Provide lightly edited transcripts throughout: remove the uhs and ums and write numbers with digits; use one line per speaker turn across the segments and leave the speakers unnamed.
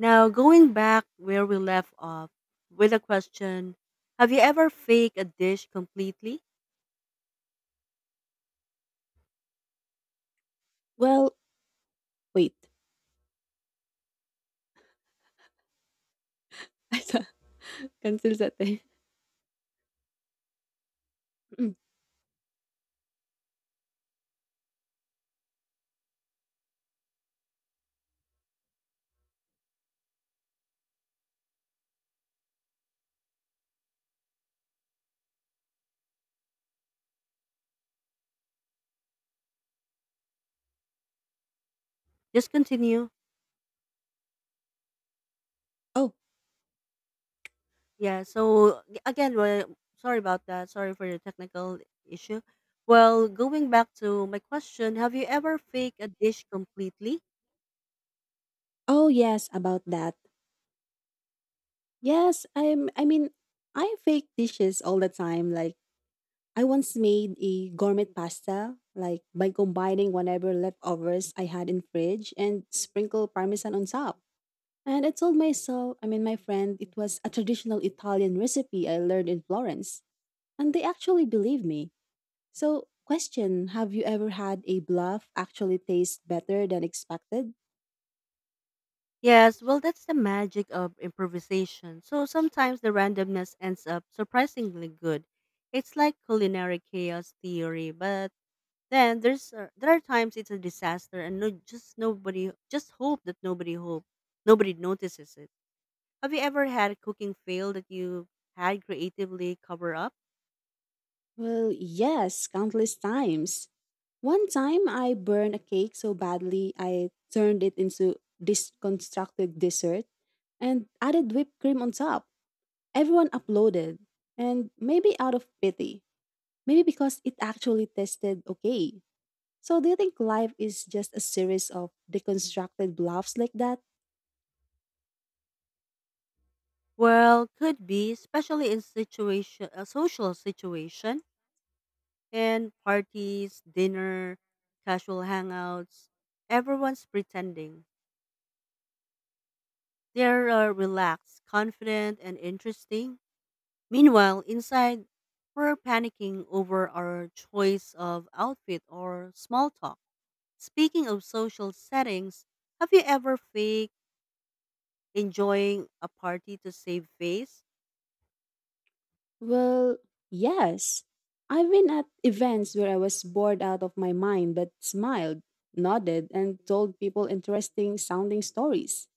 Now, going back where we left off with a question. Have you ever faked a dish completely?
Well, wait. I thought- Cancel sate. Mm.
Just continue.
Oh,
Yeah, so g- again, well, Sorry about that. Sorry for the technical issue. Well, going back to my question. Have you ever faked a dish completely?
oh yes, about that. Yes, I'm. I mean, I fake dishes all the time. Like I once made a gourmet pasta, like by combining whatever leftovers I had in fridge and sprinkle parmesan on top. And I told myself, my friend, it was a traditional Italian recipe I learned in Florence, and they actually believed me. So, question. Have you ever had a bluff actually taste better than expected?
Yes, well, that's the magic of improvisation. So sometimes the randomness ends up surprisingly good. It's like culinary chaos theory, but then there are times it's a disaster and no, just nobody, just hope that nobody hope nobody notices it. Have you ever had a cooking fail that you had creatively cover up?
Well, yes, countless times. One time I burned a cake so badly I turned it into this constructed dessert and added whipped cream on top. Everyone uploaded, and maybe out of pity, maybe because it actually tested okay. So, do you think life is just a series of deconstructed bluffs like that?
Well, could be, especially in situation a social situation and parties, dinner, casual hangouts. Everyone's pretending. They're relaxed, confident, and interesting. Meanwhile, inside, we're panicking over our choice of outfit or small talk. Speaking of social settings, have you ever faked enjoying a party to save face?
Well, yes. I've been at events where I was bored out of my mind but smiled, nodded, and told people interesting sounding stories.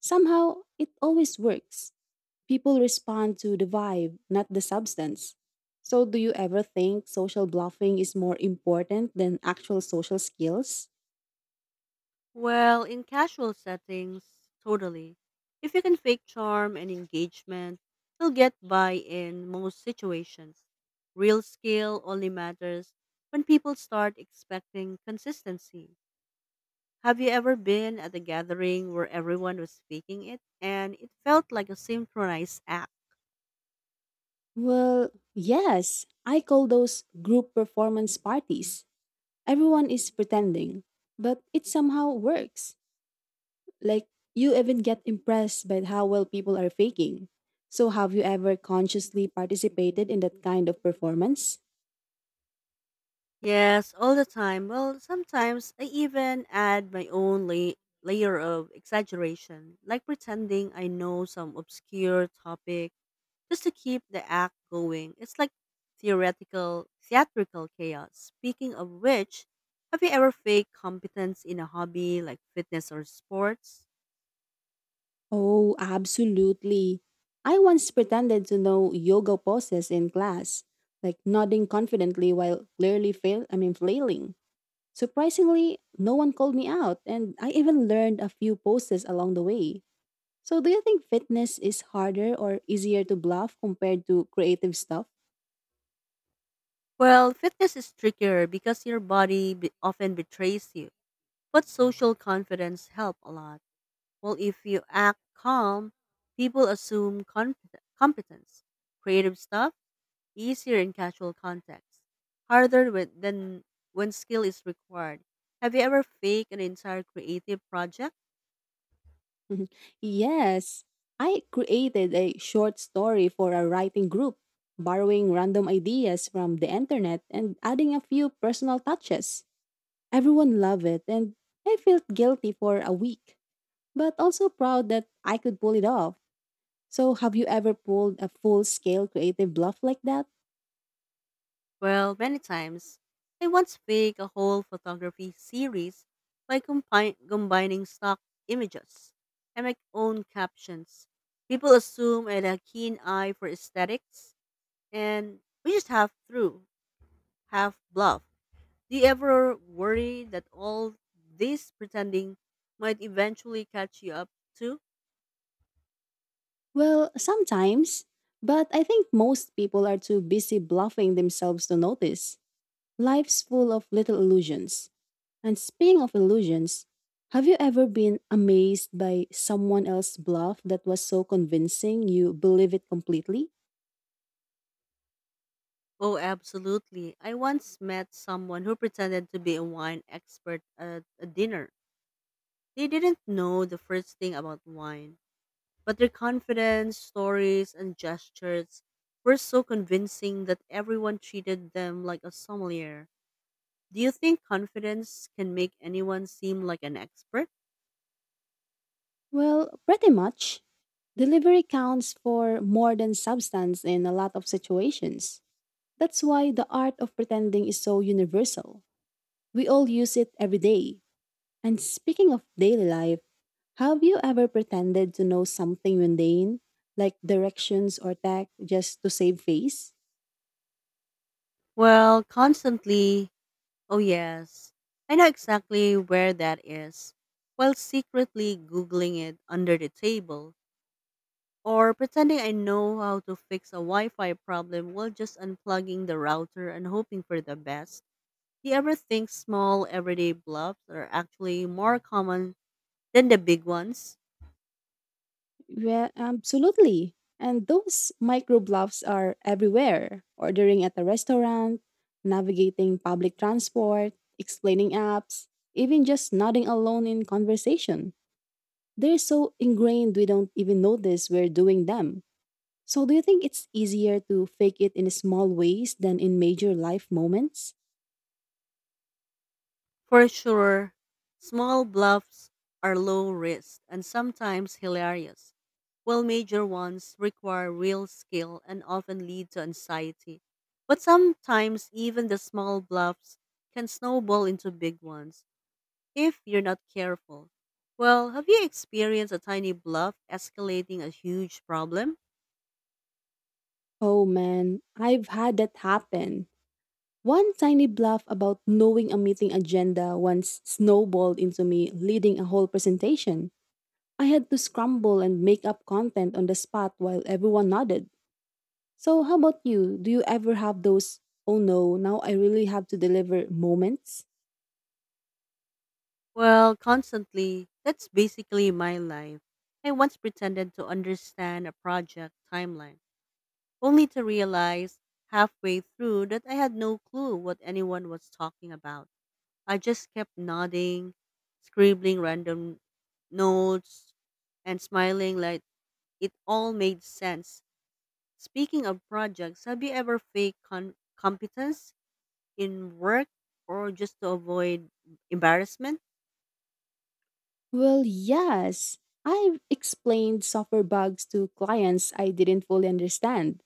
Somehow, it always works. People respond to the vibe, not the substance. So, do you ever think social bluffing is more important than actual social skills?
Well, in casual settings, totally. If you can fake charm and engagement, you'll get by in most situations. Real skill only matters when people start expecting consistency. Have you ever been at a gathering where everyone was speaking it and it felt like a synchronized act?
Well, yes. I call those group performance parties. Everyone is pretending, but it somehow works. Like, you even get impressed by how well people are faking. So, have you ever consciously participated in that kind of performance?
Yes, all the time. Well, sometimes I even add my own layer of exaggeration, like pretending I know some obscure topic just to keep the act going. It's like theatrical chaos. Speaking of which, have you ever faked competence in a hobby like fitness or sports?
Oh, absolutely. I once pretended to know yoga poses in class, like nodding confidently while clearly fail I mean flailing. Surprisingly, no one called me out and I even learned a few poses along the way. So do you think fitness is harder or easier to bluff compared to creative stuff?
Well, fitness is trickier because your body often betrays you, but social confidence help a lot. Well, if you act calm, people assume competence. Creative stuff easier in casual contexts, harder than when skill is required. Have you ever faked an entire creative project?
yes. I created a short story for a writing group, borrowing random ideas from the internet and adding a few personal touches. Everyone loved it, and I felt guilty for a week, but also proud that I could pull it off. So, have you ever pulled a full scale creative bluff like that?
Well, many times. I once faked a whole photography series by combining stock images and my own captions. People assume I had a keen eye for aesthetics, and we just half through, half bluff. Do you ever worry that all this pretending might eventually catch you up too?
Well, sometimes, but I think most people are too busy bluffing themselves to notice. Life's full of little illusions. And speaking of illusions, have you ever been amazed by someone else's bluff that was so convincing you believe it completely?
Oh, absolutely. I once met someone who pretended to be a wine expert at a dinner. They didn't know the first thing about wine, but their confidence, stories, and gestures were so convincing that everyone treated them like a sommelier. Do you think confidence can make anyone seem like an expert?
Well, pretty much. Delivery counts for more than substance in a lot of situations. That's why the art of pretending is so universal. We all use it every day. And speaking of daily life, have you ever pretended to know something mundane, like directions or tech, just to save face?
Well, constantly. Oh yes, I know exactly where that is, while secretly Googling it under the table, or pretending I know how to fix a Wi Fi problem while just unplugging the router and hoping for the best. Do you ever think small everyday bluffs are actually more common than the big ones?
Yeah, absolutely. And those microblogs are everywhere ordering at a restaurant, navigating public transport, explaining apps, even just nodding alone in conversation. They're so ingrained we don't even notice we're doing them. So, do you think it's easier to fake it in small ways than in major life moments?
For sure, small bluffs are low risk and sometimes hilarious, while major ones require real skill and often lead to anxiety. But sometimes even the small bluffs can snowball into big ones if you're not careful. Well, have you experienced a tiny bluff escalating a huge problem?
Oh man, I've had that happen. One tiny bluff about knowing a meeting agenda once snowballed into me leading a whole presentation. I had to scramble and make up content on the spot while everyone nodded. So, how about you? Do you ever have those, oh no, now I really have to deliver moments?
Well, constantly. That's basically my life. I once pretended to understand a project timeline, only to realize halfway through that I had no clue what anyone was talking about. I just kept nodding, scribbling random notes, and smiling like it all made sense. Speaking of projects, have you ever faked competence in work or just to avoid embarrassment?
Well, yes. I've explained software bugs to clients I didn't fully understand,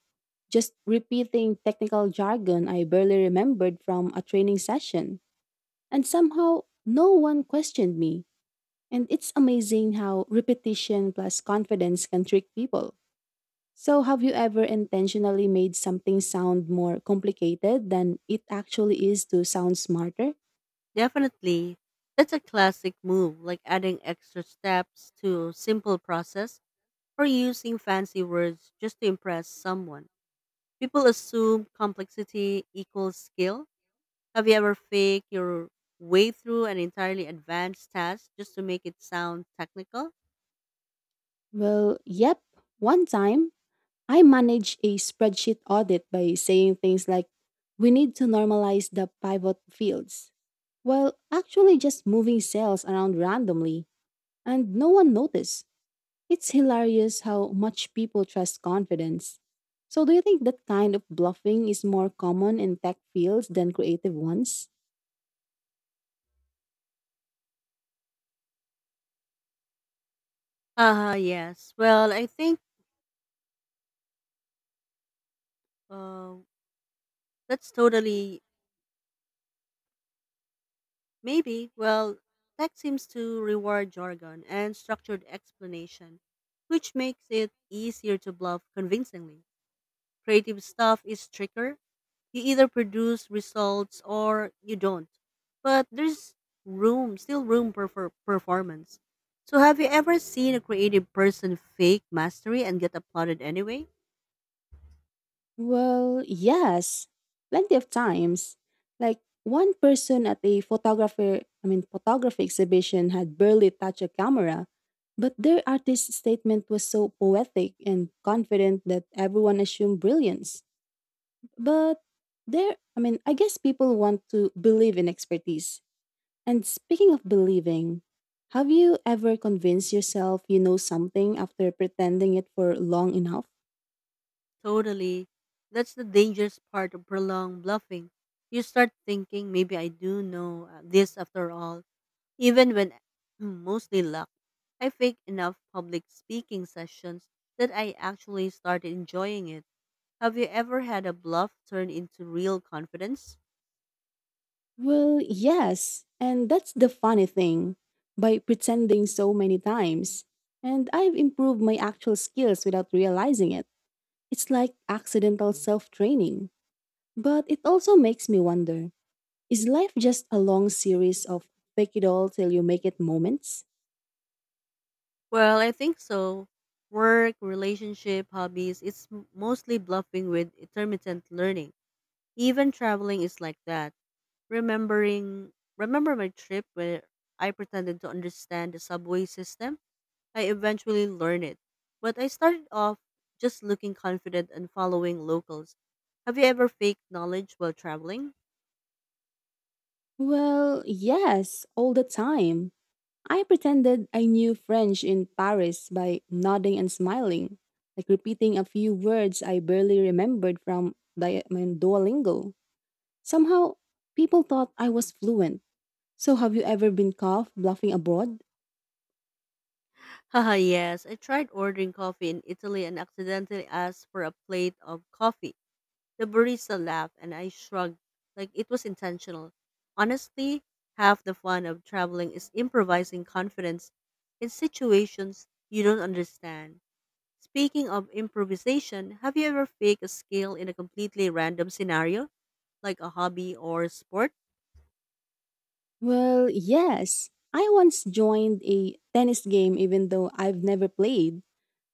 just repeating technical jargon I barely remembered from a training session. And somehow, no one questioned me. And it's amazing how repetition plus confidence can trick people. So, have you ever intentionally made something sound more complicated than it actually is to sound smarter?
Definitely. That's a classic move, like adding extra steps to simple process or using fancy words just to impress someone. People assume complexity equals skill. Have you ever faked your way through an entirely advanced task just to make it sound technical?
Well, yep. One time, I managed a spreadsheet audit by saying things like, we need to normalize the pivot fields, while actually just moving cells around randomly, and no one noticed. It's hilarious how much people trust confidence. So, do you think that kind of bluffing is more common in tech fields than creative ones?
Ah, yes. Well, I think uh, that's totally Maybe, well, tech seems to reward jargon and structured explanation, which makes it easier to bluff convincingly. Creative stuff is trickier. You either produce results or you don't. But there's room, still room for performance. So have you ever seen a creative person fake mastery and get applauded anyway?
Well, yes, plenty of times. Like one person at a photography exhibition had barely touched a camera, but their artist statement was so poetic and confident that everyone assumed brilliance. But I guess people want to believe in expertise. And speaking of believing, have you ever convinced yourself you know something after pretending it for long enough?
Totally. That's the dangerous part of prolonged bluffing. You start thinking, maybe I do know this after all. Even when I'm mostly luck, I fake enough public speaking sessions that I actually started enjoying it. Have you ever had a bluff turn into real confidence?
Well, yes. And that's the funny thing by pretending so many times. And I've improved my actual skills without realizing it. It's like accidental self training. But it also makes me wonder, is life just a long series of fake it all till you make it moments?
Well, I think so. Work, relationship, hobbies, it's mostly bluffing with intermittent learning. Even traveling is like that. Remembering Remember my trip where I pretended to understand the subway system? I eventually learned it. But I started off just looking confident and following locals. Have you ever faked knowledge while traveling?
Well, yes, all the time. I pretended I knew French in Paris by nodding and smiling, like repeating a few words I barely remembered from Duolingo. Somehow, people thought I was fluent. So, have you ever been caught bluffing abroad?
Haha, yes. I tried ordering coffee in Italy and accidentally asked for a plate of coffee. The barista laughed and I shrugged like it was intentional. Honestly, half the fun of traveling is improvising confidence in situations you don't understand. Speaking of improvisation, have you ever faked a skill in a completely random scenario, like a hobby or sport?
Well, yes. I once joined a tennis game even though I've never played.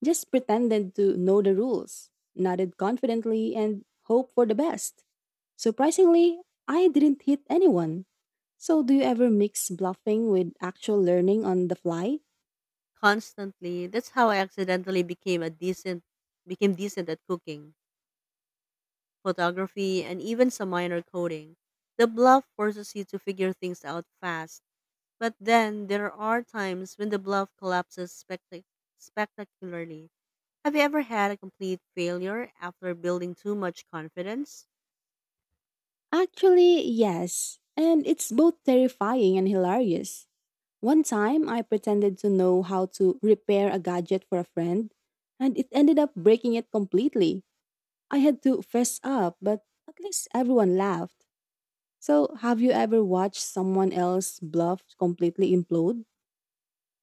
Just pretended to know the rules, nodded confidently, and hoped for the best. Surprisingly, I didn't hit anyone. So, do you ever mix bluffing with actual learning on the fly?
Constantly. That's how I accidentally became decent at cooking, photography, and even some minor coding. The bluff forces you to figure things out fast, but then there are times when the bluff collapses spectacularly. Have you ever had a complete failure after building too much confidence?
Actually, yes. And it's both terrifying and hilarious. One time, I pretended to know how to repair a gadget for a friend, and it ended up breaking it completely. I had to fess up, but at least everyone laughed. So, have you ever watched someone else bluff completely implode?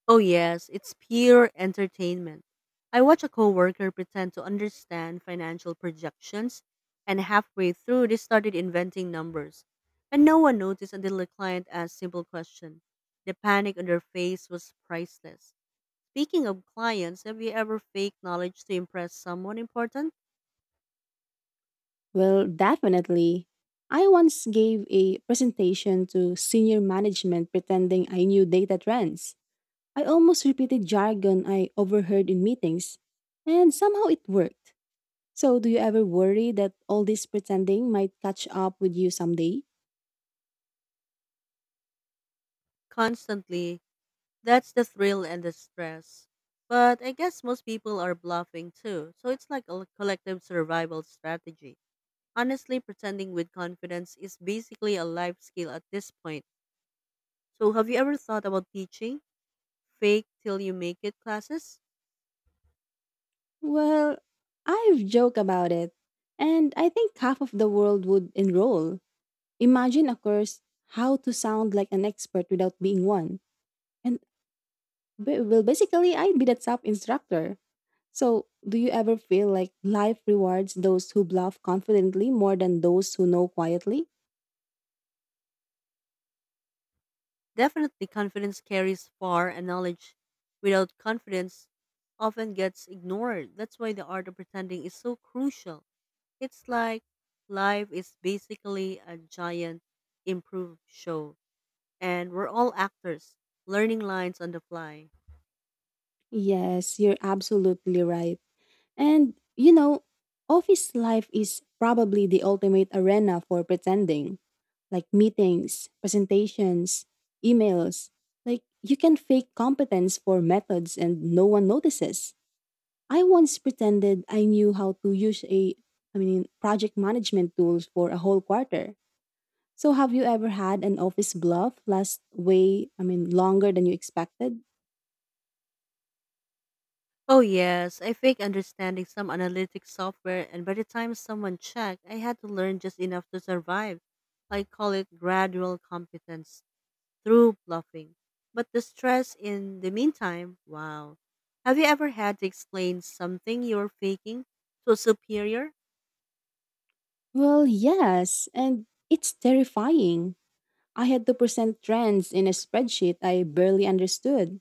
Oh yes, it's pure entertainment. I watched a coworker pretend to understand financial projections and halfway through they started inventing numbers. And no one noticed until the client asked simple question. The panic on their face was priceless. Speaking of clients, have you ever faked knowledge to impress someone important?
Well, definitely. I once gave a presentation to senior management pretending I knew data trends. I almost repeated jargon I overheard in meetings, and somehow it worked. So, do you ever worry that all this pretending might catch up with you someday?
Constantly. That's the thrill and the stress. But I guess most people are bluffing too, so it's like a collective survival strategy. Honestly, pretending with confidence is basically a life skill at this point. So, have you ever thought about teaching fake till you make it classes?
Well, I've joked about it, and I think half of the world would enroll. Imagine a course, how to sound like an expert without being one. And basically, I'd be that top instructor. So, do you ever feel like life rewards those who bluff confidently more than those who know quietly?
Definitely, confidence carries far, and knowledge without confidence often gets ignored. That's why the art of pretending is so crucial. It's like life is basically a giant improv show, and we're all actors learning lines on the fly.
Yes, you're absolutely right. And, you know, office life is probably the ultimate arena for pretending. Like meetings, presentations, emails. Like, you can fake competence for methods and no one notices. I once pretended I knew how to use a I mean project management tools for a whole quarter. So have you ever had an office bluff last way I mean longer than you expected?
Oh yes, I fake understanding some analytics software and by the time someone checked, I had to learn just enough to survive. I call it gradual competence through bluffing. But the stress in the meantime, wow. Have you ever had to explain something you are faking to a superior?
Well, yes, and it's terrifying. I had to present trends in a spreadsheet I barely understood.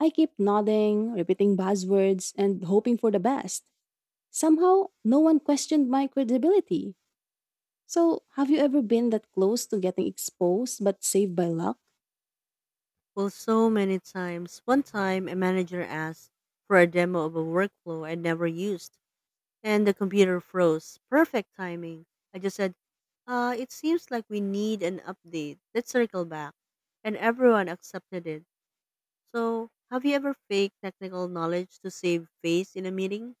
I kept nodding, repeating buzzwords, and hoping for the best. Somehow, no one questioned my credibility. So, have you ever been that close to getting exposed but saved by luck?
Well, so many times. One time a manager asked for a demo of a workflow I never used. And the computer froze. Perfect timing. I just said, it seems like we need an update. Let's circle back. And everyone accepted it. So, have you ever faked technical knowledge to save face in a meeting?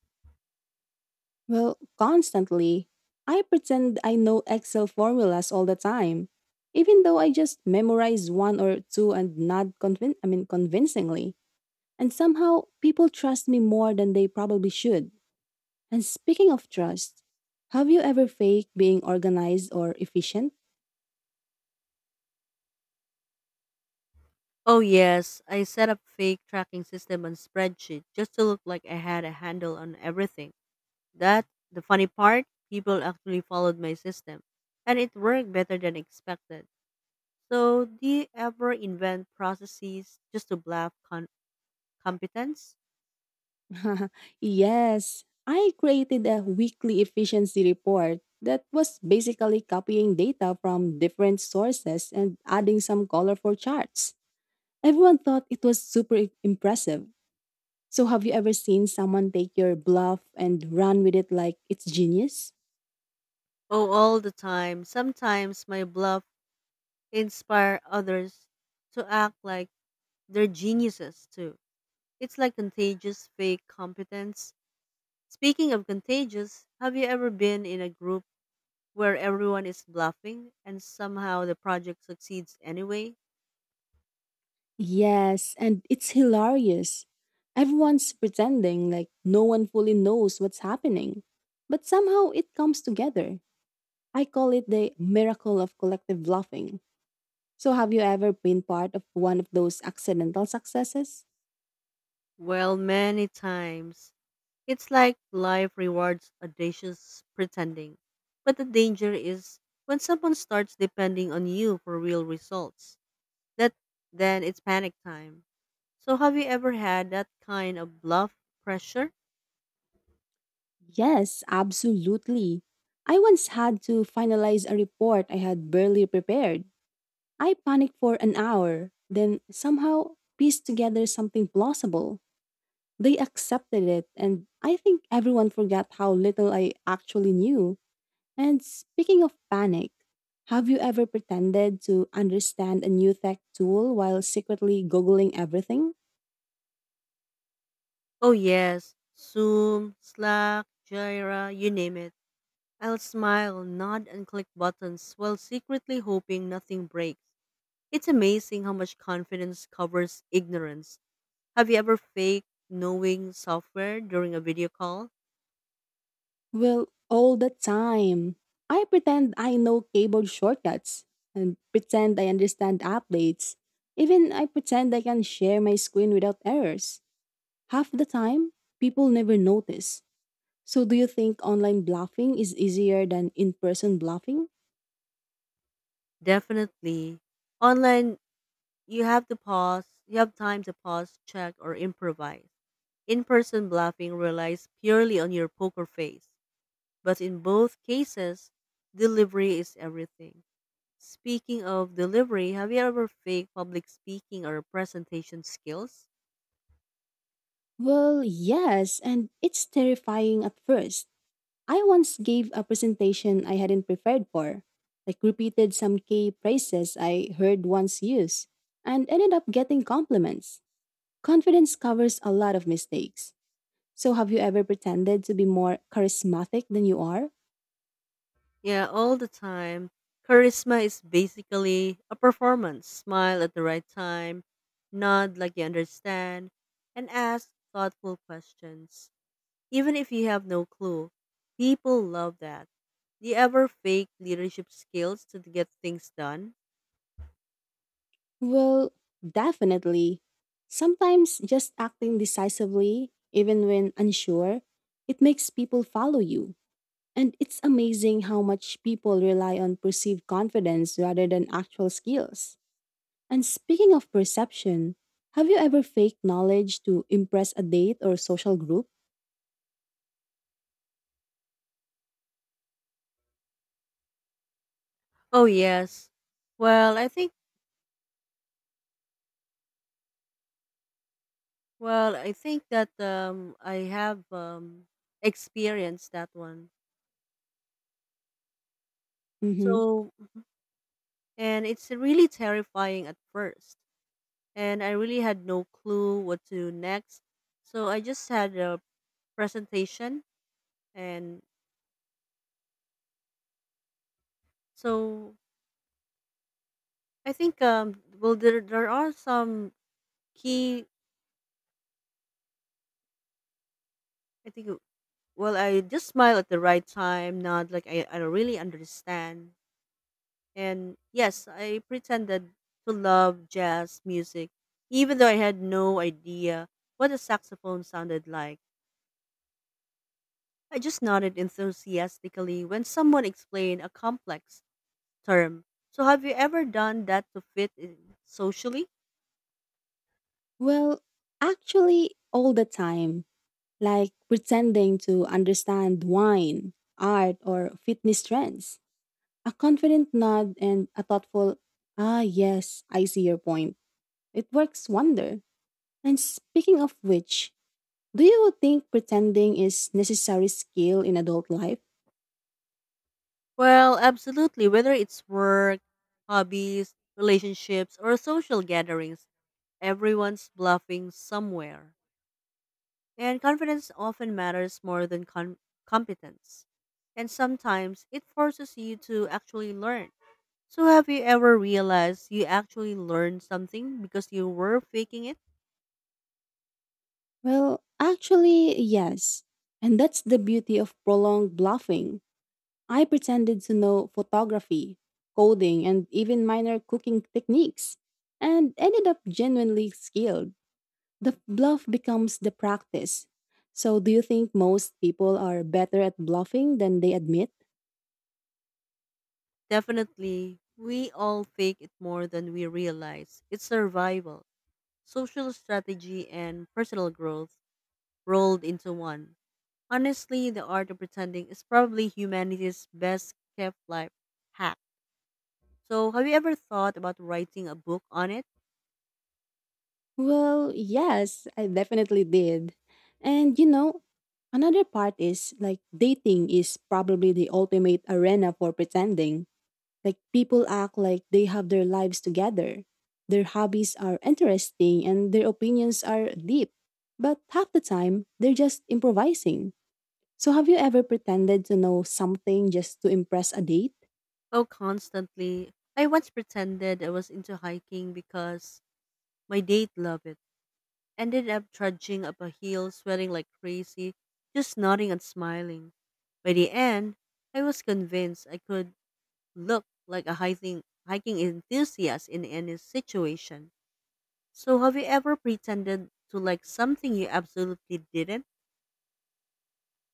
Well, constantly. I pretend I know Excel formulas all the time, even though I just memorize one or two and nod convincingly. And somehow people trust me more than they probably should. And speaking of trust, have you ever faked being organized or efficient?
Oh, yes. I set up fake tracking system on spreadsheet just to look like I had a handle on everything. That, the funny part, people actually followed my system. And it worked better than expected. So, do you ever invent processes just to bluff competence?
yes, I created a weekly efficiency report that was basically copying data from different sources and adding some colorful charts. Everyone thought it was impressive. So, have you ever seen someone take your bluff and run with it like it's genius?
Oh, all the time. Sometimes my bluff inspire others to act like they're geniuses too. It's like contagious fake competence. Speaking of contagious, have you ever been in a group where everyone is bluffing and somehow the project succeeds anyway?
Yes, and it's hilarious. Everyone's pretending like no one fully knows what's happening. But somehow it comes together. I call it the miracle of collective bluffing. So, have you ever been part of one of those accidental successes?
Well, many times. It's like life rewards audacious pretending. But the danger is when someone starts depending on you for real results. That, then it's panic time. So have you ever had that kind of bluff pressure?
Yes, absolutely. I once had to finalize a report I had barely prepared. I panicked for an hour, then somehow pieced together something plausible. They accepted it, and I think everyone forgot how little I actually knew. And speaking of panic, have you ever pretended to understand a new tech tool while secretly Googling everything?
Oh yes, Zoom, Slack, Jira, you name it. I'll smile, nod, and click buttons while secretly hoping nothing breaks. It's amazing how much confidence covers ignorance. Have you ever faked knowing software during a video call?
Well, all the time. I pretend I know keyboard shortcuts and pretend I understand updates. Even I pretend I can share my screen without errors. Half the time, people never notice. So, do you think online bluffing is easier than in person bluffing?
Definitely. Online, you have time to pause, check, or improvise. In person bluffing relies purely on your poker face, but in both cases, delivery is everything. Speaking of delivery, have you ever faked public speaking or presentation skills?
Well, yes, and it's terrifying at first. I once gave a presentation I hadn't prepared for, like repeated some key phrases I heard once used, and ended up getting compliments. Confidence covers a lot of mistakes. So, have you ever pretended to be more charismatic than you are?
Yeah, all the time. Charisma is basically a performance. Smile at the right time, nod like you understand, and ask thoughtful questions. Even if you have no clue, people love that. Do you ever fake leadership skills to get things done?
Well, definitely. Sometimes just acting decisively, even when unsure, it makes people follow you. And it's amazing how much people rely on perceived confidence rather than actual skills. And speaking of perception, have you ever faked knowledge to impress a date or social group?
Oh yes. Well, I think well, I think that I have experienced that one.
Hmm.
So, and it's really terrifying at first. And I really had no clue what to do next. So I just had a presentation and so I think well there are some key I think. Well, I just smile at the right time, not like I don't really understand. And yes, I pretended to love jazz music, even though I had no idea what a saxophone sounded like. I just nodded enthusiastically when someone explained a complex term. So, have you ever done that to fit in socially?
Well, actually, all the time, like pretending to understand wine, art, or fitness trends. A confident nod and a thoughtful, ah, yes, I see your point. It works wonder. And speaking of which, do you think pretending is necessary skill in adult life?
Well, absolutely. Whether it's work, hobbies, relationships, or social gatherings, everyone's bluffing somewhere. And confidence often matters more than competence. And sometimes it forces you to actually learn. So, have you ever realized you actually learned something because you were faking it?
Well, actually, yes. And that's the beauty of prolonged bluffing. I pretended to know photography, coding, and even minor cooking techniques, and ended up genuinely skilled. The bluff becomes the practice. So, do you think most people are better at bluffing than they admit?
Definitely, we all fake it more than we realize. It's survival, social strategy, and personal growth rolled into one. Honestly, the art of pretending is probably humanity's best kept life hack. So, have you ever thought about writing a book on it?
Well, yes, I definitely did. And you know, another part is like dating is probably the ultimate arena for pretending. Like people act like they have their lives together. Their hobbies are interesting and their opinions are deep. But half the time, they're just improvising. So have you ever pretended to know something just to impress a date?
Oh, constantly. I once pretended I was into hiking because my date loved it. Ended up trudging up a hill, sweating like crazy, just nodding and smiling. By the end, I was convinced I could look like a hiking enthusiast in any situation. So, have you ever pretended to like something you absolutely didn't?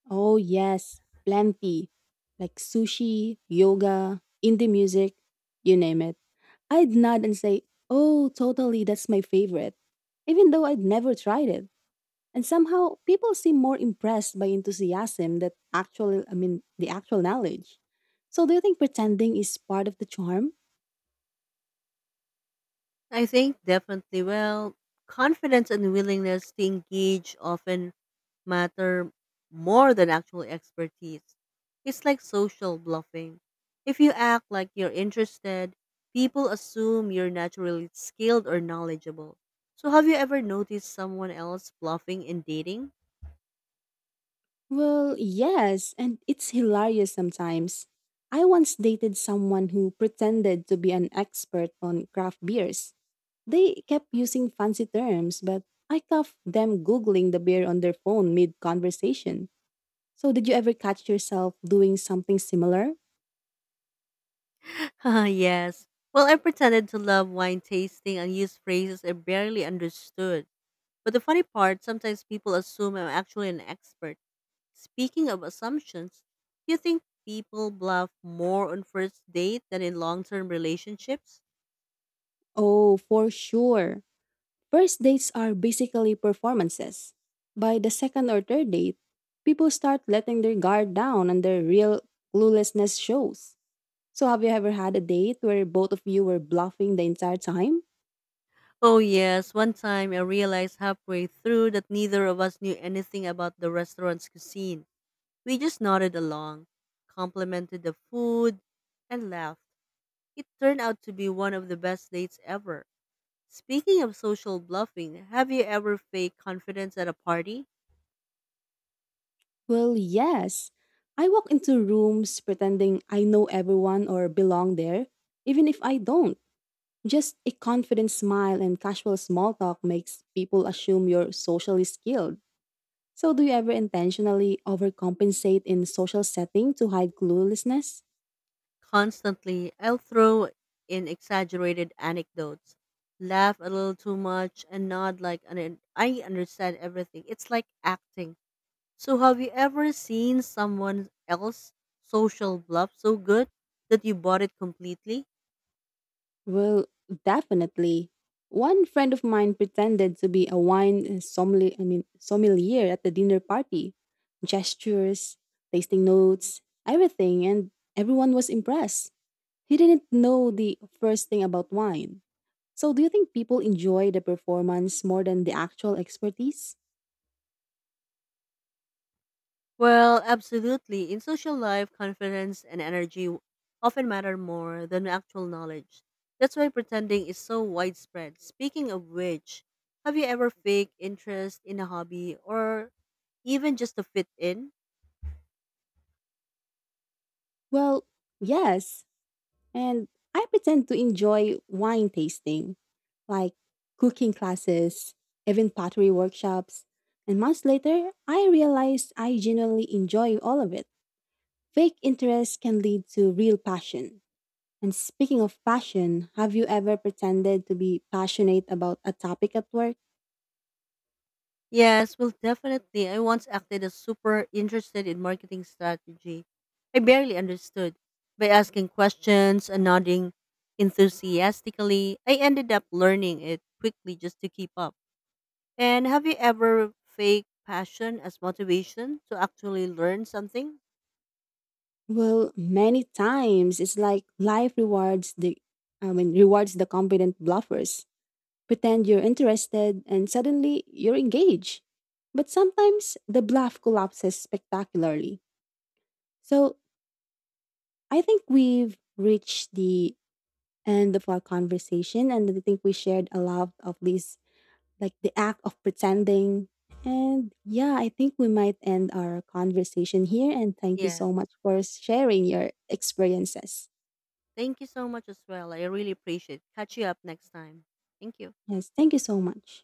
Oh, yes, plenty. Like sushi, yoga, indie music, you name it. I'd nod and say, oh, totally, that's my favorite. Even though I'd never tried it. And somehow people seem more impressed by enthusiasm that actually, I mean, the actual knowledge. So do you think pretending is part of the charm?
I think definitely. Well, confidence and willingness to engage often matter more than actual expertise. It's like social bluffing. If you act like you're interested, people assume you're naturally skilled or knowledgeable. So, have you ever noticed someone else bluffing in dating?
Well, yes, and it's hilarious sometimes. I once dated someone who pretended to be an expert on craft beers. They kept using fancy terms, but I caught them Googling the beer on their phone mid conversation. So, did you ever catch yourself doing something similar?
Yes. Well, I pretended to love wine tasting and used phrases I barely understood. But the funny part, sometimes people assume I'm actually an expert. Speaking of assumptions, do you think people bluff more on first date than in long-term relationships?
Oh, for sure. First dates are basically performances. By the second or third date, people start letting their guard down and their real cluelessness shows. So, have you ever had a date where both of you were bluffing the entire time?
Oh yes, one time I realized halfway through that neither of us knew anything about the restaurant's cuisine. We just nodded along, complimented the food, and laughed. It turned out to be one of the best dates ever. Speaking of social bluffing, have you ever faked confidence at a party?
Well, yes. I walk into rooms pretending I know everyone or belong there, even if I don't. Just a confident smile and casual small talk makes people assume you're socially skilled. So, do you ever intentionally overcompensate in social setting to hide cluelessness?
Constantly, I'll throw in exaggerated anecdotes, laugh a little too much, and nod like an, I understand everything. It's like acting. So, have you ever seen someone else social bluff so good that you bought it completely?
Well, definitely. One friend of mine pretended to be a wine sommelier, I mean, sommelier at the dinner party. Gestures, tasting notes, everything, and everyone was impressed. He didn't know the first thing about wine. So, do you think people enjoy the performance more than the actual expertise?
Well, absolutely. In social life, confidence and energy often matter more than actual knowledge. That's why pretending is so widespread. Speaking of which, have you ever faked interest in a hobby or even just to fit in?
Well, yes. And I pretend to enjoy wine tasting, like cooking classes, even pottery workshops. And months later, I realized I genuinely enjoy all of it. Fake interest can lead to real passion. And speaking of passion, have you ever pretended to be passionate about a topic at work?
Yes, well, definitely. I once acted as super interested in marketing strategy. I barely understood. By asking questions and nodding enthusiastically, I ended up learning it quickly just to keep up. And have you ever faked passion as motivation to actually learn something?
Well, many times it's like life rewards the competent bluffers. Pretend you're interested, and suddenly you're engaged. But sometimes the bluff collapses spectacularly. So I think we've reached the end of our conversation, and I think we shared a lot of these, like the act of pretending. And yeah, I think we might end our conversation here. And thank you
Yes.
so much for sharing your experiences.
Thank you so much as well. I really appreciate. It. Catch you up next time. Thank you.
Yes, thank you so much.